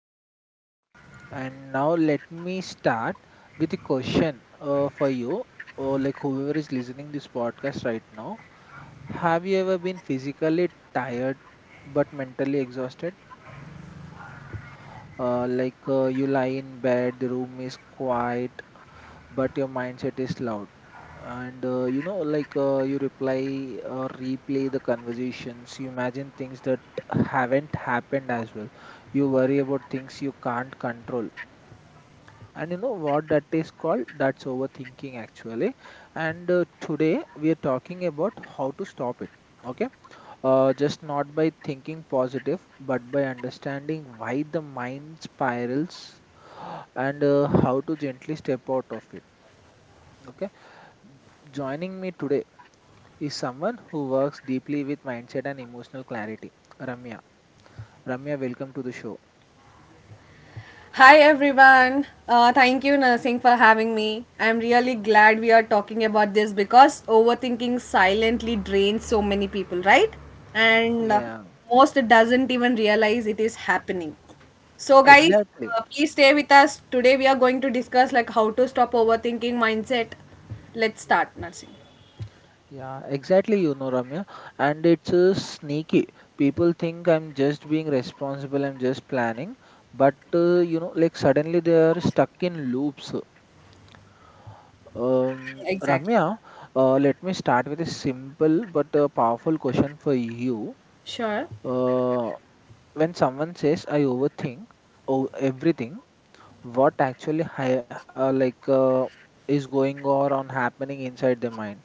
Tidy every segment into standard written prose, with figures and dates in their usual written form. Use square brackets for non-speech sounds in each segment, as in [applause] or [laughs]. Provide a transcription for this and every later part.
host, Nursing, and now let me start with a question for you or like whoever is listening this podcast right now. Have you ever been physically tired but mentally exhausted? Like you lie in bed, the room is quiet but your mindset is loud and you know like you reply or replay the conversations, you imagine things that haven't happened as well, you worry about things you can't control, and you know what that is called? That's overthinking actually. And today we are talking about how to stop it. Okay, just not by thinking positive but by understanding why the mind spirals and how to gently step out of it. Okay. Joining me today is someone who works deeply with mindset and emotional clarity, Ramya. Ramya, welcome to the show. Hi everyone. Thank you, Nursing, for having me. I'm really glad we are talking about this because overthinking silently drains so many people, right? And Yeah, most doesn't even realize it is happening. So, guys, exactly. Please stay with us. Today we are going to discuss like how to stop overthinking mindset. Let's start, Nursing. Yeah, exactly. You know, Ramya, and it's sneaky. People think I'm just being responsible, I'm just planning, but you know, like suddenly they are stuck in loops. Exactly. Ramya, let me start with a simple but powerful question for you. Sure. Uh, when someone says, "I overthink everything," what actually is going or on happening inside their mind?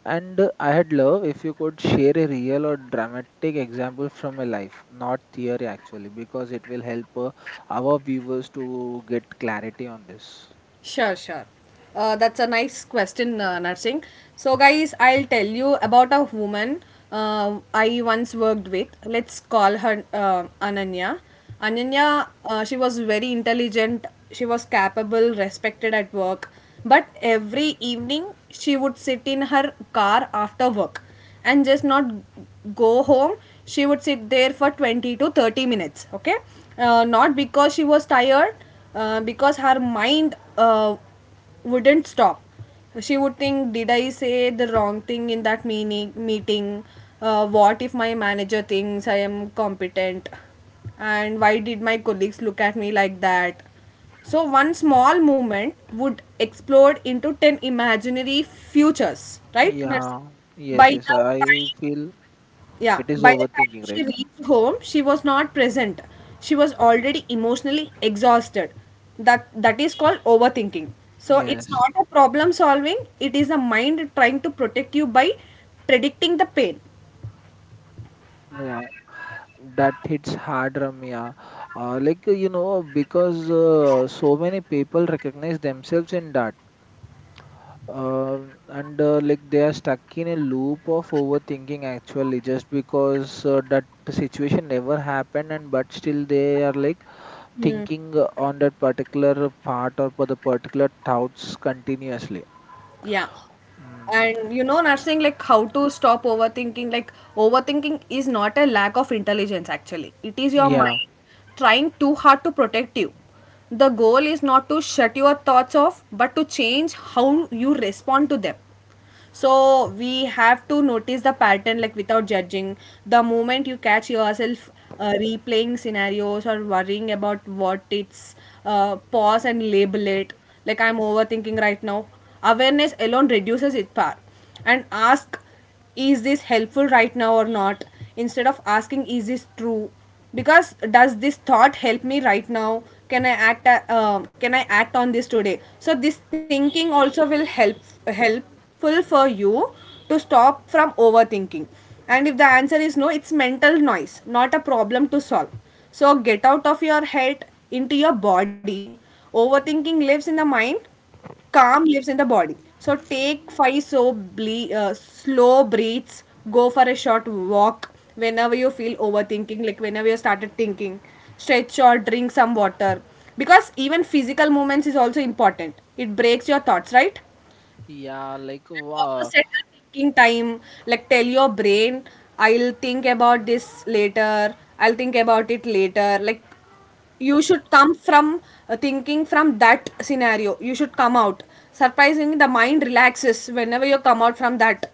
And I had love if you could share a real or dramatic example from a life, not theory, actually, because it will help our viewers to get clarity on this. Sure. That's a nice question, Narsingh. So, guys, I'll tell you about a woman I once worked with. Let's call her Ananya. Ananya, she was very intelligent, she was capable, respected at work. But every evening, she would sit in her car after work and just not go home. She would sit there for 20 to 30 minutes. Okay, not because she was tired, because her mind wouldn't stop. She would think, did I say the wrong thing in that meaning meeting? What if my manager thinks I am competent? And why did my colleagues look at me like that? So one small movement would explode into 10 imaginary futures, right, Narsi? Yeah, yes, By the yes, I time, feel yeah, it is by the time overthinking, she right? reached home, she was not present. She was already emotionally exhausted. That is called overthinking. So it's Yes. not a problem solving, it is a mind trying to protect you by predicting the pain. Yeah. That hits hard, Ramya. Like you know, because so many people recognize themselves in that. Um and like they are stuck in a loop of overthinking. Actually, just because that situation never happened, and but still they are like thinking on that particular part or for the particular thoughts continuously. Yeah. Mm. And you know, nursing, like how to stop overthinking. Like, overthinking is not a lack of intelligence, actually. It is your Yeah. mind trying too hard to protect you. The goal is not to shut your thoughts off, but to change how you respond to them. So we have to notice the pattern, like without judging. The moment you catch yourself replaying scenarios or worrying about what it's, pause and label it like, I'm overthinking right now. Awareness alone reduces its power. And ask, is this helpful right now or not, instead of asking is this true, because does this thought help me right now? Can I can I act on this today? So this thinking also will help helpful for you to stop from overthinking. And if the answer is no, it's mental noise, not a problem to solve. So get out of your head into your body. Overthinking lives in the mind, calm lives in the body. So take five slow breaths. Go for a short walk whenever you feel overthinking, like whenever you started thinking. Stretch or drink some water, because even physical movements is also important. It breaks your thoughts, right? Yeah. Like, And also wow. set a thinking time, like tell your brain, I'll think about this later, I'll think about it later. Like you should come from thinking from that scenario. You should come out. Surprisingly, the mind relaxes whenever you come out from that.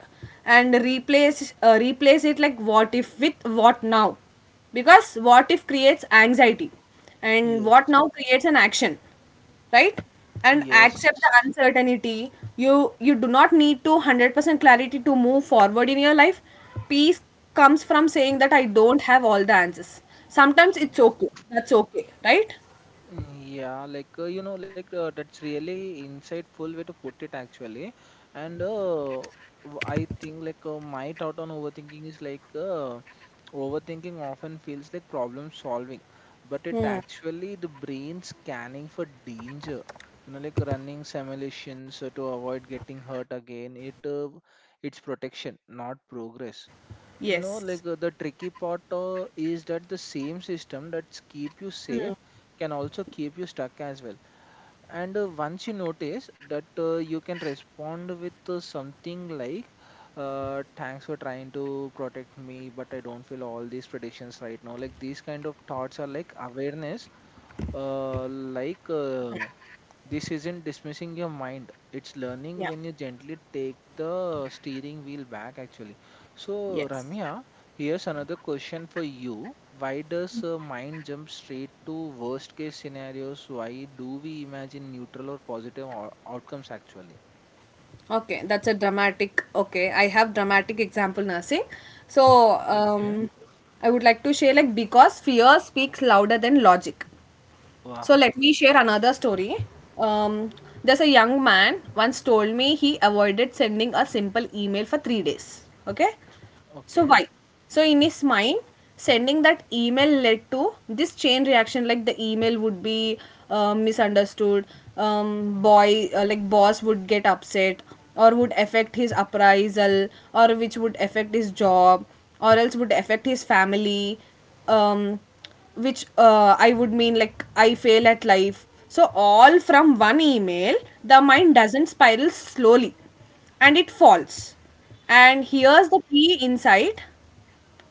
And replace it like what if with what now, because what if creates anxiety and Yes. what now creates an action, right? And accept the Yes. uncertainty. you you do not need to 100% clarity to move forward in your life. Peace comes from saying that, I don't have all the answers. Sometimes it's okay, that's okay, right? Yeah, that's really insightful way to put it actually. And I think my thought on overthinking is overthinking often feels like problem solving, but it Hmm. actually the brain scanning for danger. You know, like running simulations to avoid getting hurt again. It it's protection, not progress. No, Yes. like the tricky part is that the same system that keep you safe can also keep you stuck as well. And once you notice that, you can respond with something like, "Thanks for trying to protect me, but I don't feel all these predictions right now." Like these kind of thoughts are like awareness, uh, like uh, this isn't dismissing your mind, it's learning Yeah. when you gently take the steering wheel back, actually. So, Yes. Ramya, here's another question for you. Why does mind jump straight to worst case scenarios? Why do we imagine neutral or positive outcomes, actually? Okay, that's a dramatic, okay, I have dramatic example, nursing. so [laughs] Okay. um I would like to share, like, because fear speaks louder than logic. So Wow. let me share another story. Um, there's a young man once told me he avoided sending a simple email for 3 days. Okay, Okay. so why? So in his mind, sending that email led to this chain reaction. Like the email would be misunderstood. Boy, like Boss would get upset, or would affect his appraisal, or which would affect his job, or else would affect his family. Um, which I would mean like I fail at life. So, all from one email, the mind doesn't spiral slowly and it falls. And here's the key insight,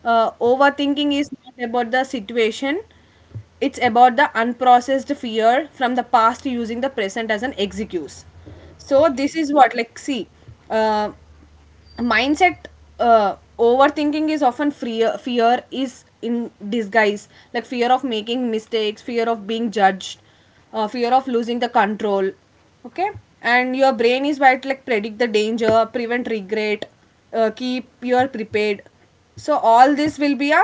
overthinking is not about the situation, it's about the unprocessed fear from the past using the present as an excuse. So this Okay. is what like see, uh, mindset, overthinking is often fear is in disguise, like fear of making mistakes, fear of being judged, fear of losing the control. Okay, and your brain is right, like predict the danger, prevent regret, keep you are prepared. So all this will be a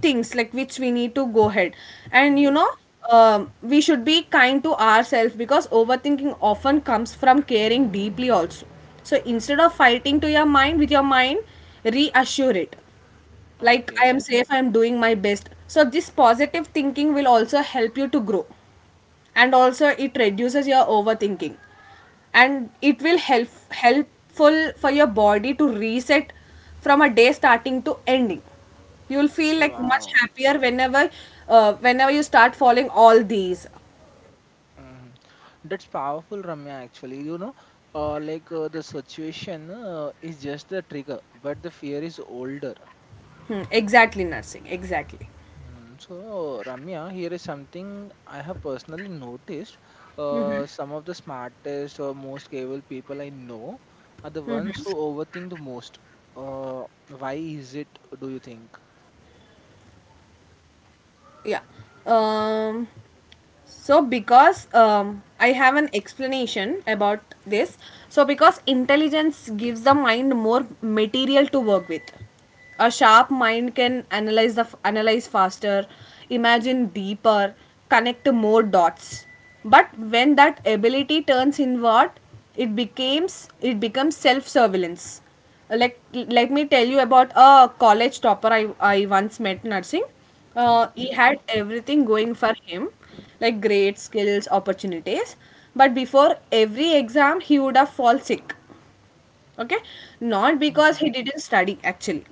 things like which we need to go ahead. And you Yes. know, we should be kind to ourselves because overthinking often comes from caring deeply also. So instead of fighting to your mind with your mind, reassure it like, I am Okay. safe, I am doing my best. So, this positive thinking will also help you to grow. And also, it reduces your overthinking. And it will help helpful for your body to reset from a day starting to ending. You will feel like much Wow. happier whenever whenever you start following all these. Hmm. That's powerful, Ramya. Actually, you know, the situation is just the trigger, but the fear is older. Hmm, exactly, nursing. Exactly. Mm, so Ramya, here is something I have personally noticed. Some of the smartest or most capable people I know are the ones who overthink the most. Why is it, do you think? Yeah. Um so because I have an explanation about this. So because intelligence gives the mind more material to work with. A sharp mind can analyze the analyze faster, imagine deeper, connect more dots. But when that ability turns inward, it becomes self surveillance. Let me tell you about a college topper I once met, nursing. He Okay. had everything going for him, like great skills, opportunities. But before every exam, he would have fall sick. Okay, not because Hmm. he didn't study actually,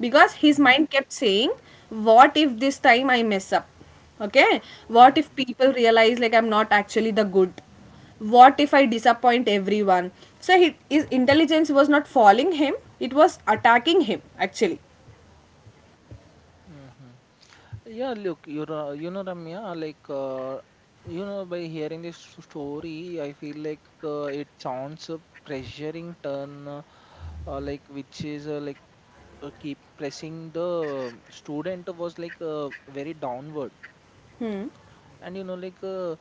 because his mind kept saying, what if this time I mess up? Okay, what if Hmm. people realize like I'm not actually the good? What if I disappoint everyone? His intelligence was not following him, it was attacking him actually. Hmm. Yeah, look, you know, Ramya, you know, by hearing this story, I feel like it sounds a pressuring turn, like, which is like keep pressing the student was like very downward. And you know like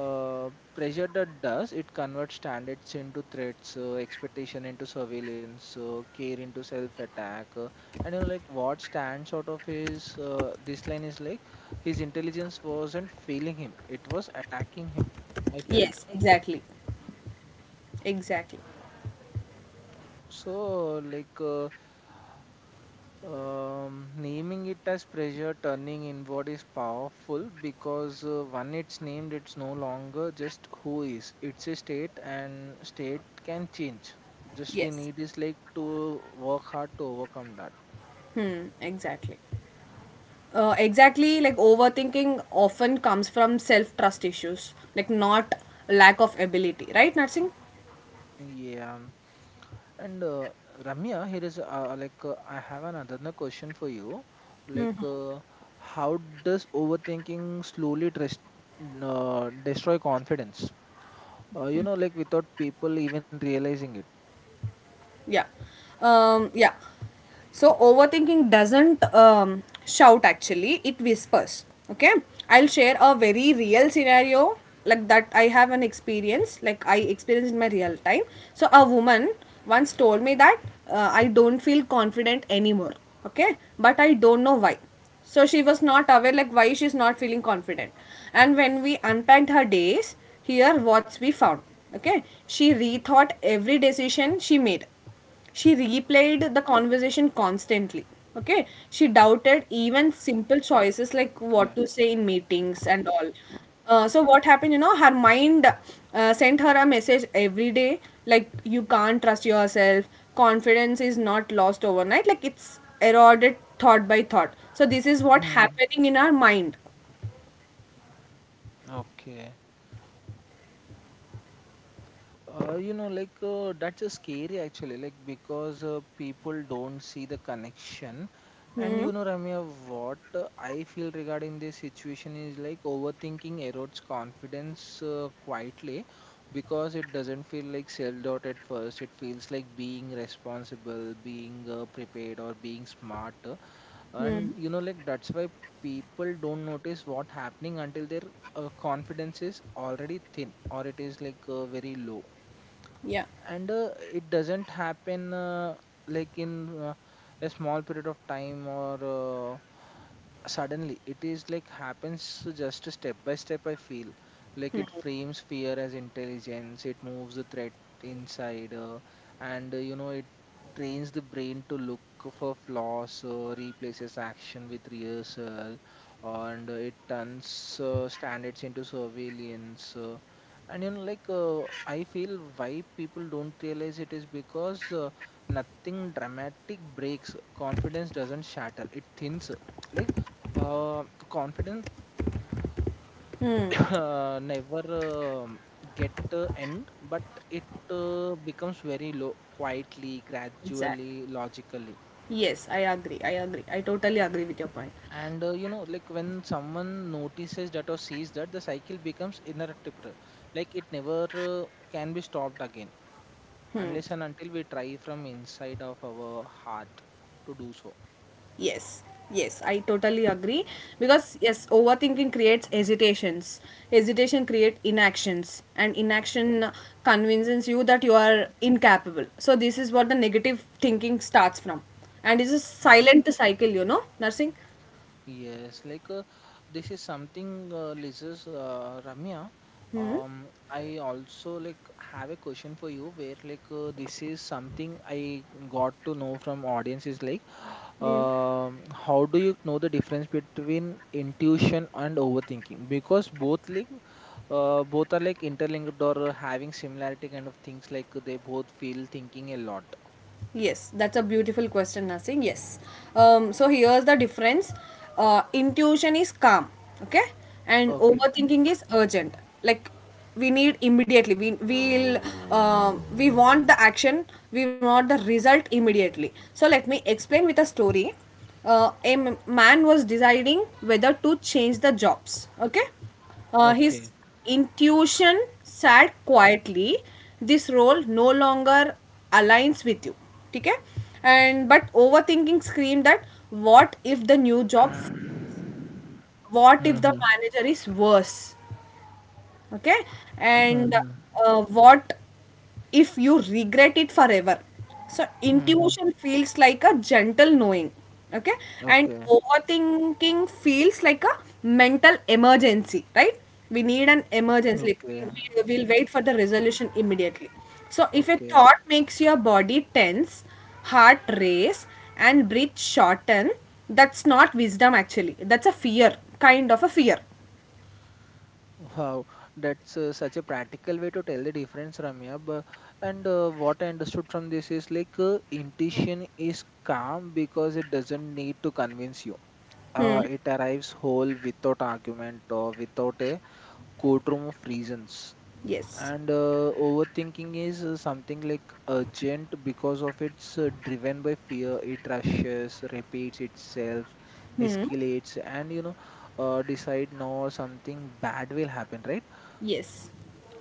uh, pressure that does it converts standards into threats, expectation into surveillance, care into self attack, and you know like what stands out of his this line is like his intelligence wasn't failing him, it was attacking him, I felt. Yes, exactly. Exactly. So, naming it as pressure turning inward is powerful because when it's named, it's no longer just who is, it's a state, and state can change. Just we Yes. need is like to work hard to overcome that. Hmm, exactly. Exactly, like overthinking often comes from self trust issues, like not lack of ability, right, Narsing? Yeah. And Ramya, here is I have an another question for you. Like, uh, how does overthinking slowly destroy confidence? You know like without people even realizing it. Yeah. Yeah. So, overthinking doesn't shout actually, it whispers. Okay. I'll share a very real scenario, like that I have an experience, like I experienced in my real time. So, a woman once told me that, I don't feel confident anymore. Okay. But I don't know why. So she was not aware like why she's not feeling confident. And when we unpacked her days, here what we found. Okay. She rethought every decision she made. She replayed the conversation constantly. Okay. She doubted even simple Okay. choices like what to say in meetings and all. So what happened, you know, her mind sent her a message every day like, you can't trust yourself. Confidence is not lost overnight, like it's eroded thought by thought. So this is what Hmm. happening in our mind. Okay. You know, like that's a scary actually, like because people don't see the connection. And you know, Ramya, what I feel regarding this situation is like overthinking erodes confidence quietly because it doesn't feel like self-doubt at first. It feels like being responsible, being prepared, or being smart. Hmm. And you know like that's why people don't notice what happening until their confidence is already thin or it is like very low. Yeah. And it doesn't happen like in a small period of time or suddenly, it is like happens just step by step, I feel. Like it frames fear as intelligence, it moves the threat inside, and you know it trains the brain to look for flaws, replaces action with rehearsal, and it turns standards into surveillance, and you know like I feel why people don't realize it is because nothing dramatic breaks. Confidence doesn't shatter, it thins. like uh, Confidence [coughs] never get end, but it becomes very low, quietly, Exactly. gradually, logically. Yes, I totally agree with your point. And you know like when someone notices that or sees that, the cycle becomes inevitable, like it never uh, can be stopped again unless and until we try from inside of our heart to do so. Yes, yes, I totally agree. Because, yes, overthinking creates hesitations. Hesitation creates inactions, and inaction convinces you that you are incapable. So, this is what the negative thinking starts from. And it's a Mm. silent cycle, you know, nursing. Yes, like this is something, Liz's, Ramya. I also like have a question for you where like this is something I got to know from audience is like, how do you know the difference between intuition and overthinking? Because both like both are like interlinked or having similarity kind of things, like they both feel thinking a lot. Yes, that's a beautiful question, Nasim. Yes. So here's the difference. Intuition is calm, okay, and Okay. overthinking is urgent. Like we need immediately. We we want the action. We want the result immediately. So let me explain with a story. A man was deciding whether to change the jobs. Okay, his Okay. intuition said quietly, "This role no longer aligns with you." Okay, and but overthinking screamed that, "What if the new job? Mm-hmm. What if the Mm-hmm. manager is worse?" Okay, and what if you regret it forever? So Mm-hmm. intuition feels like a gentle knowing. Okay, and Okay. overthinking feels like a mental emergency, right? We need an emergency, like Okay. we will wait for the resolution immediately. So if a Okay. thought makes your body tense, heart race, and breath shorten, that's not wisdom actually, that's a fear kind of a fear. Wow, that's such a practical way to tell the difference, Ramya. But, and what I understood from this is like intuition is calm because it doesn't need to convince you. Hmm. It arrives whole without argument or without a courtroom of reasons. Yes. And overthinking is something like urgent because of it's driven by fear. It rushes, repeats itself, Hmm. escalates, and you know, decide no, something bad will happen, right? Yes,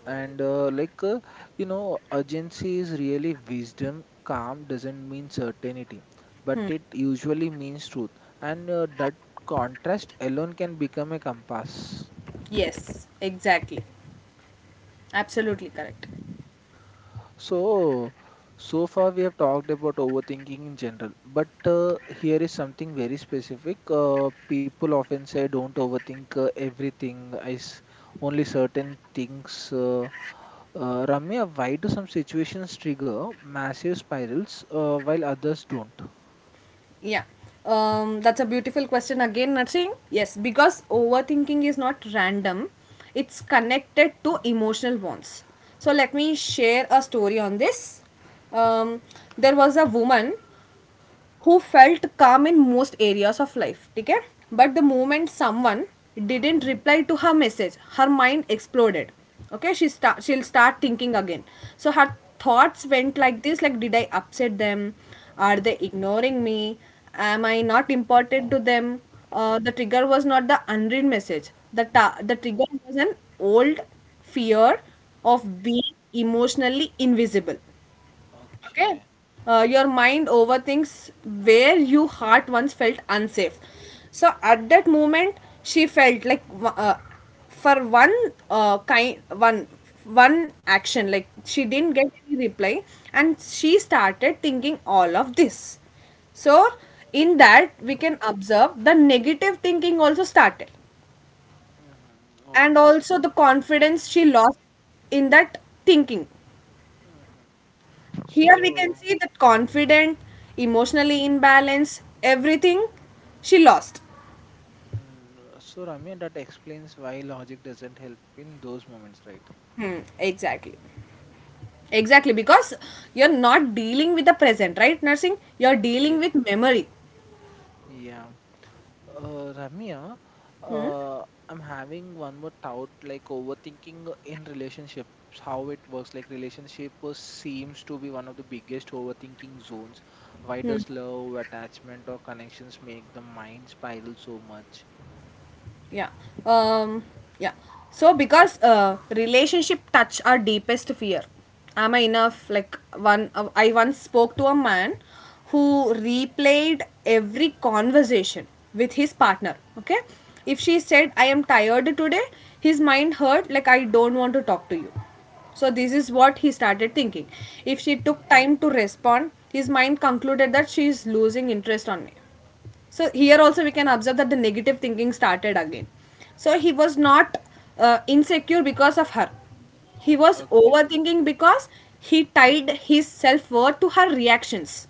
And you know, urgency is really wisdom. Calm doesn't mean certainty, but it usually means truth. And that contrast alone can become a compass. yes, exactly. Absolutely correct. So, so far we have talked about overthinking in general, but here is something very specific. People often say, "Don't overthink everything. Only certain things." Uh, Ramya, why do some situations trigger massive spirals while others don't? Yeah. That's a beautiful question again, Narsing. Yes, because overthinking is not random, it's connected to emotional wants. So, let me share a story on this. Um, there was a woman who felt calm in most areas of life. Okay, but the moment someone didn't reply to her message, her mind exploded. Okay, she'll start thinking again. So her thoughts went like this, like, did I upset them? Are they ignoring me? Am I not important to them? Uh, the trigger was not the unread message, the trigger was an old fear of being emotionally invisible. Okay, Okay. Your mind overthinks where you heart once felt unsafe. So at that moment, she felt like w- for one kind one one action like she didn't get any reply, and she started thinking all of this. So in that we can observe the negative thinking also started. Mm-hmm. And Okay. also the confidence she lost in that thinking. Mm-hmm. Here we can So, see that confident, emotionally imbalanced, everything she lost. mm, so Ramya, that explains why logic doesn't help in those moments, right? Hmm, exactly. Exactly, because you're not dealing with the present, right, nursing? You're dealing Yeah. with memory. Yeah. Uh, Ramya, uh, I'm having one more doubt, like overthinking in relationships, how it works. Like relationship seems to be one of the biggest overthinking zones. Why does love, attachment, or connections make the mind spiral so much? Yeah. um yeah, so because relationship touch our deepest fear. Am I enough? Like, one I once spoke to a man who replayed every conversation with his partner. Okay. If she said I am tired today, his mind hurt like I don't want to talk to you. So this is what he started thinking. If she Mm, took time to respond, his mind concluded that she is losing interest on me. So here also we can observe that the negative thinking started again. So he was not insecure because of her. He was okay, overthinking because he tied his self-worth to her reactions,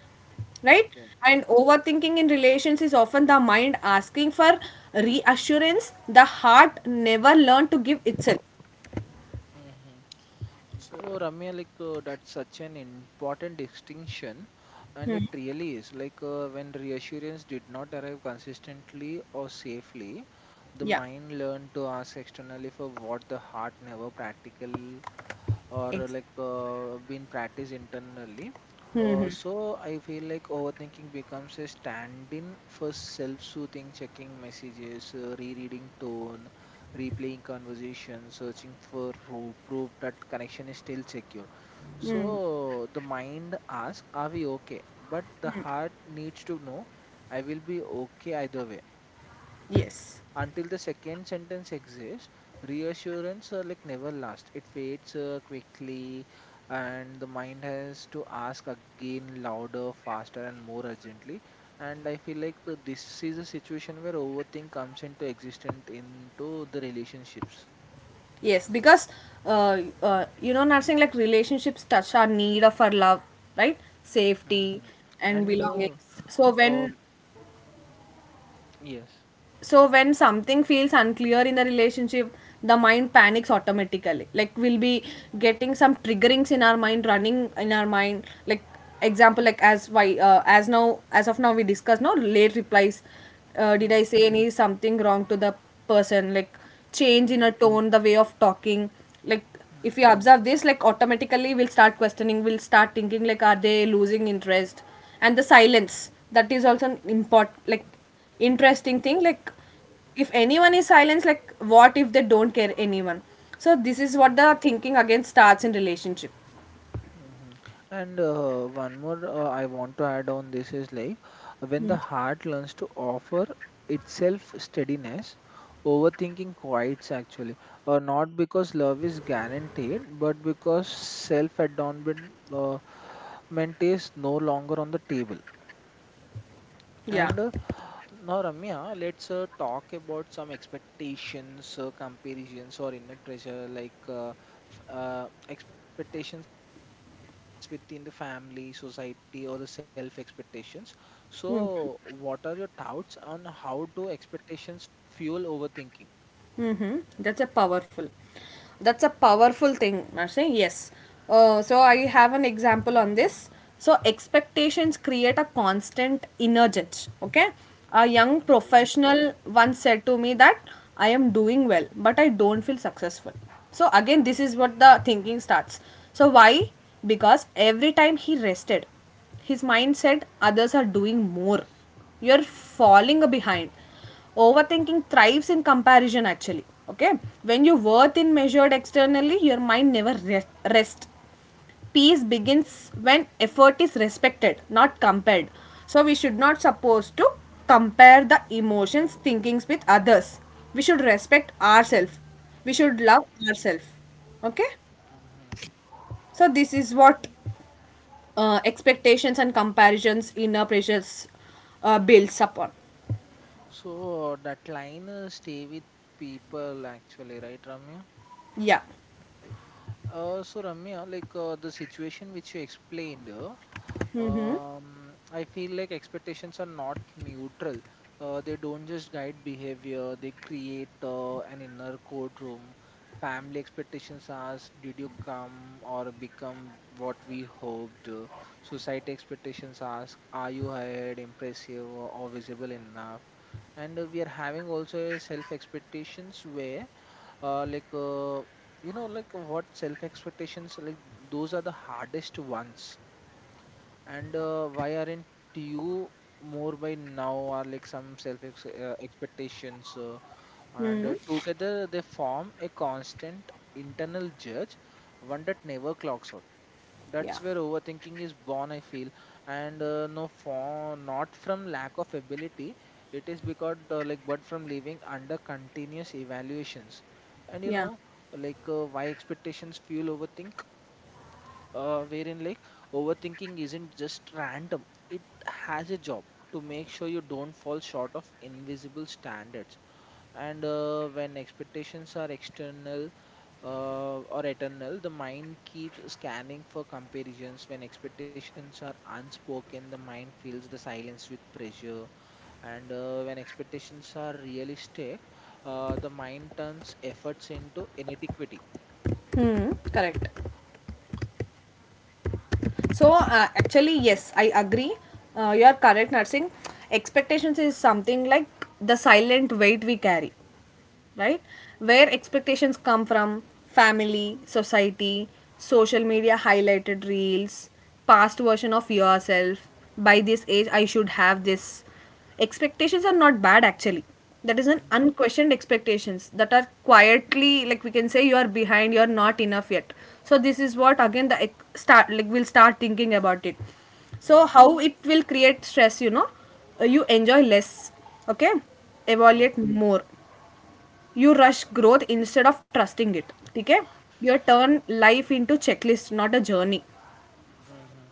right? okay. And overthinking in relations is often the mind asking for reassurance the heart never learned to give itself. Mm-hmm. So, Ramya, like that's such an important distinction, and it really is. Like when reassurance did not arrive consistently or safely, the Yeah. mind learned to ask externally for what the heart never practical or Ex- been practiced internally. So I feel like overthinking becomes a stand-in for self-soothing, checking messages, rereading tone, replaying conversation, searching for proof that connection is still secure. So the mind asks, "Are we okay?" But the heart needs to know, "I will be okay either way." yes. Until the second sentence exists, reassurance like never lasts, it fades quickly, and the mind has to ask again louder, faster, and more urgently. And I feel like this is a situation where overthink comes into existence into the relationships. Yes, because you know, nursing, like relationships touch our need of our love, right? Safety Mm, and and uh, belongings. So uh when yes, so when something feels unclear in the relationship, the mind panics automatically like we'll be getting some triggerings in our mind running in our mind. Like example, like as now as of now we discuss, no late replies, did I hmm, say any something wrong to the person, like change hmm, in a tone, the way of talking. Like if hmm. you observe this, like automatically we'll start questioning, we'll start thinking like are they losing interest. And the silence, that is also an import like interesting thing. Like if anyone is silenced, like what if they don't care anyone. So this is what the thinking again starts in relationship. Mhm. And one more I want to add on this is like when the heart learns to offer itself steadiness, overthinking quiets actually. Not because love is guaranteed, but because self-adornment ment is no longer on the table. Yeah. And now, Ramya, let's talk about some expectations, comparisons, or inner pressure, like expectations within the family, society, or the self expectations. So, what are your doubts on how do expectations fuel overthinking? Mm-hmm. That's a powerful thing, Marcy. Yes. So I have an example on this. So expectations create a constant inner judge. Okay. A young Okay. professional once said to me that I am doing well, but I don't feel successful. So again, this is what the thinking starts. So why? Because every time he rested, his mind said others are doing more, you're falling behind. Overthinking thrives in comparison, actually. Okay? When your worth is measured externally, your mind never rest. Peace begins when effort is respected, not compared. So we should not supposed to compare the emotions, thinkings with others. We should respect ourselves. We should love ourselves. Okay? Hmm. So this is what expectations and comparisons inner pressures builds upon. So, that line stay with people actually, right, Ramya? Yeah. So Ramya, like the situation which you explained, I feel like expectations are not neutral. They don't just guide behavior; they create an inner courtroom. Family expectations ask, "Did you come or become what we hoped?" Society expectations ask, "Are you hired, impressive, or visible enough?" And We are having also a self expectations where uh, like uh, what self expectations like those are the hardest ones and why aren't you more by now are like some expectations and together they form a constant internal judge, one that never clocks out. Yeah. That's where overthinking is born, I feel. And no for Not from lack of ability, it is because like but from living under continuous evaluations. And you Yeah. know like Why expectations fuel overthink, wherein like overthinking isn't just random, it has a job to make sure you don't fall short of invisible standards. And When expectations are external or eternal, the mind keeps scanning for comparisons. When expectations are unspoken, the mind fills the silence with pressure. And When expectations are realistic, the mind turns efforts into inadequacy. Mm, correct. So, actually, yes, I agree. You are correct, nursing. Expectations is something like the silent weight we carry, right? Where expectations come from: family, society, social media highlighted reels, past version of yourself. By this age, I should have this. Expectations are not bad, actually. That is an Mhm, unquestioned expectations that are quietly, like we can say you are behind, you are not enough yet. So this is what again the start, like we'll start thinking about it. So mhm, how it will create stress, you know. You enjoy less, okay? oh, Evaluate more, you rush growth instead of trusting it. Okay, you turn life into checklist, not a journey. mhm,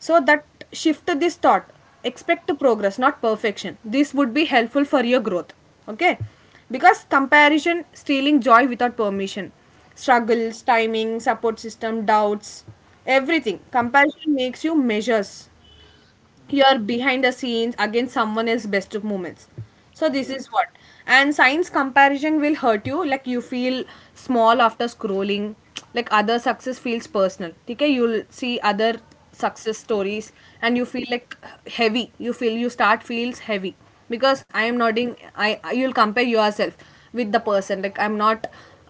So that shift this thought: expect progress, not perfection. This would be helpful for your growth. Okay? Because comparison stealing joy without permission. Struggles, timing, support system, doubts, everything. Comparison makes you measures mm, your behind the scenes against someone else's best of moments. So this is yes. what. And science comparison will hurt you, like you feel small after scrolling, like other success feels personal. Okay, you'll see other success stories and you feel like heavy, you feel you start feels heavy because I am Mhm, not in you'll compare yourself with the person, like I'm not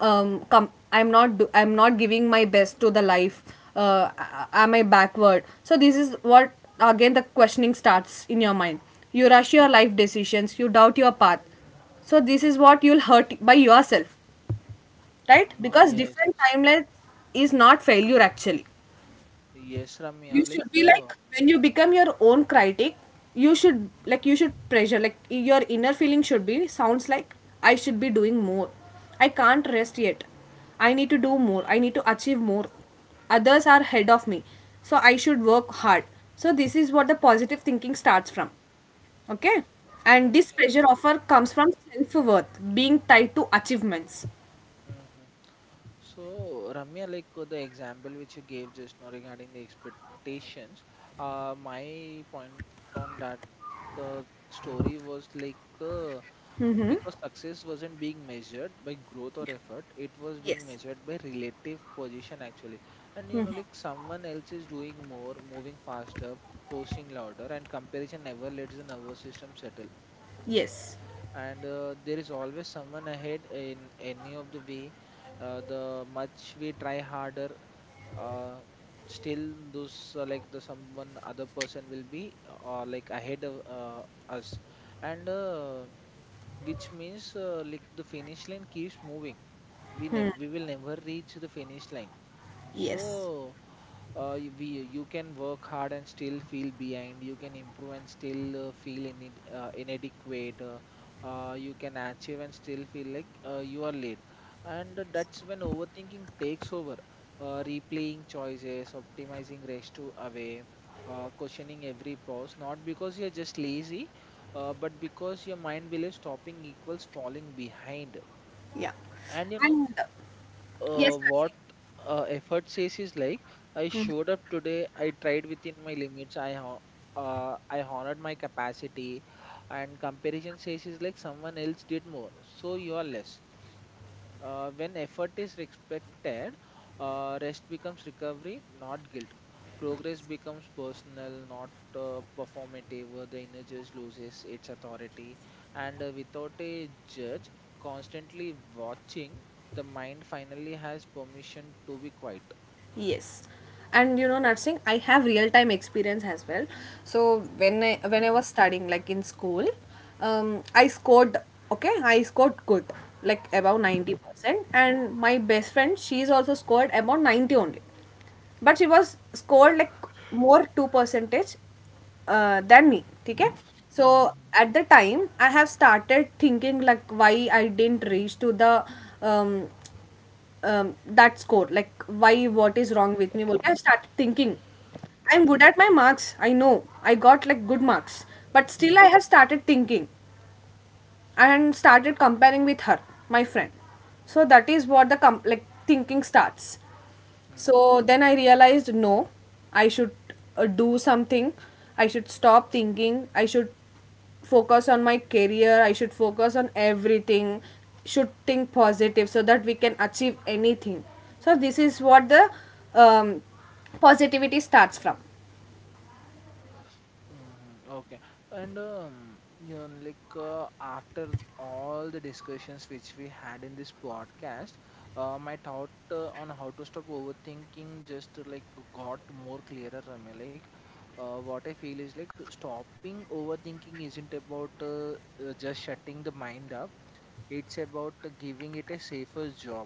I'm not do- I'm not giving my best to the life. Am I backward? So this is what again the questioning starts in your mind. You rush your life decisions, you doubt your path. So this is what you'll hurt by yourself, right? mm, Because yes. different timeline is not failure, actually. Yes, Ramya. You should be, like when you become your own critic, you should, like you should pressure, like your inner feeling should be sounds like: I should be doing more. I can't rest yet. I need to do more. I need to achieve more. Others are ahead of me. So I should work hard. So this is what the positive thinking starts from. Okay? And this Okay. pressure offer comes from self-worth being tied to achievements. Hmm. So, Ramya, like the example which you gave just now regarding the expectations, my point on that uh, story was like because success wasn't being measured by growth or effort, it was being Yes. measured by relative position actually. And you know, like someone else is doing more, moving faster, posting louder, and comparison never lets the nervous system settle. Yes. And There is always someone ahead in any of the way. The much we try harder, uh, still those the someone other person will be ahead of us, and which means the finish line keeps moving, we will never reach the finish line. So, Yes. Y- we you can work hard and still feel behind, you can improve and still inadequate, you can achieve and still feel like you are late, and that's when overthinking takes over, replaying choices, optimizing rest to away, questioning every pause, not because you're just lazy, but because your mind believes stopping equals falling behind. Yeah. And you know And Yes, Percy. what effort says is like, "I showed up today. I tried within my limits. I honored my capacity," and comparison says is like, "Someone else did more, so you are less." When effort is respected, rest becomes recovery, not guilt. Progress becomes personal, not performative. The inner judge loses its authority, and without a judge constantly watching, the mind finally has permission to be quiet. Yes. And you know, nursing, I have real time experience as well. So when I Okay. was studying, like in school, I scored, okay, I scored good, like about 90%. And my best friend, she's also scored about 90 only, but she was scored like more 2 percentage than me. Okay. So at the time, I have started thinking like why I didn't reach to the um, um, that score, like why, what is wrong with me bolke, I started thinking. I'm Mm-hmm. good at my marks, I know. I got like good marks, but still I have started thinking and started comparing with her, my friend. So that is what the like thinking starts. So then I realized no, I should do something. I should stop thinking. I should focus on my career. I should focus on everything. Should think positive so that we can achieve anything. So this is what the um, positivity starts from. Mm-hmm. Okay. And You know, like after all the discussions which we had in this podcast, my thought on how to stop overthinking just got more clearer. I mean, like, what I feel is like stopping overthinking isn't about just shutting the mind up. It's about giving it a safer job.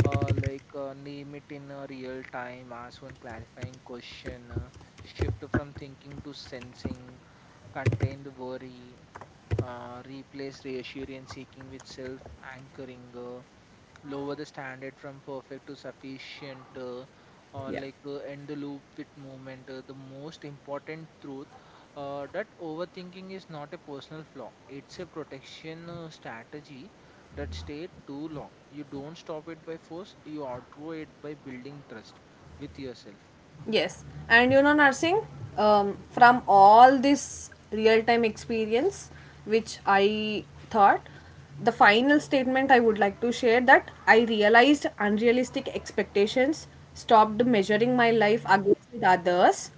Name it in real time, ask one clarifying question, shift from thinking to sensing, contain the worry, replace reassurance seeking with self anchoring, lower the standard from perfect to sufficient, or Yeah. like end the loop with movement. The most important truth that overthinking is not a personal flaw, it's a protection strategy that stayed too long. You don't stop it by force, you outgrow it by building trust with yourself. Yes, and you know, nursing, from all this real time experience which I thought, the final statement I would like to share that I realized unrealistic expectations, stopped measuring my life against others,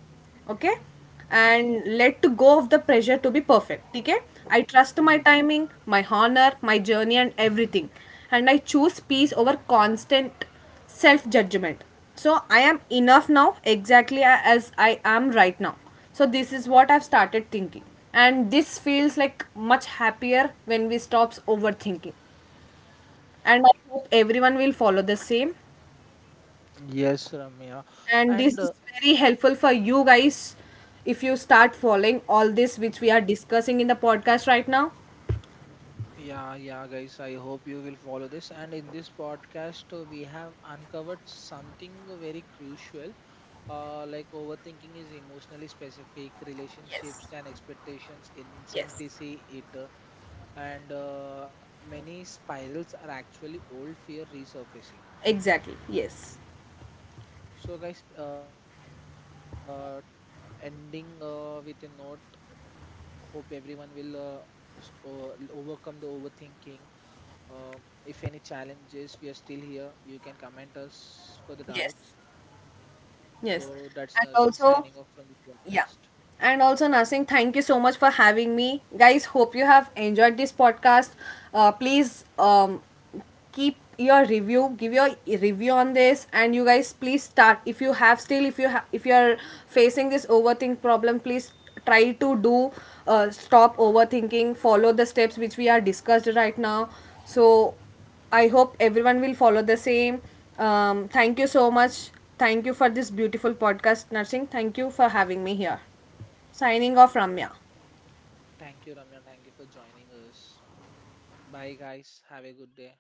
okay, Mm, and let go of the pressure to be perfect, okay. I trust mm. my timing, my honor, my journey, and everything, and I choose peace over constant self judgment. So I am enough now, exactly as I am right now. So this is what I've started thinking. And this feels like much happier when we stops overthinking. And I hope everyone will follow the same. Yes, Ramya. And And this is very helpful for you guys if you start following all this which we are discussing in the podcast right now. Yeah, yeah, guys. I hope you will follow this. And in this podcast, we have uncovered something very crucial. Like overthinking is emotionally specific, relationships Yes. and expectations, Yes. incentivity, it, and many spirals are actually old fear resurfacing. Exactly, yes. Mm. So, guys, ending with a note. Hope everyone will overcome the overthinking. Uh, if any challenges, we are still here. You can comment us for the doubts. Yes. So that's Yes. nursing And signing off also. from the podcast. Yeah. And also, Nasing, thank you so much for having me. Guys, hope you have enjoyed this podcast. Please, keep your review, give your review on this, and you guys please start. If you have still, if you have, if you are facing this overthink problem, please try to do stop overthinking. Follow the steps which we are discussed right now. So I hope everyone will follow the same. Thank you so much. Thank you for this beautiful podcast, Nursing. Thank you for having me here. Signing off, Ramya. Thank you, Ramya. Thank you for joining us. Bye, guys. Have a good day.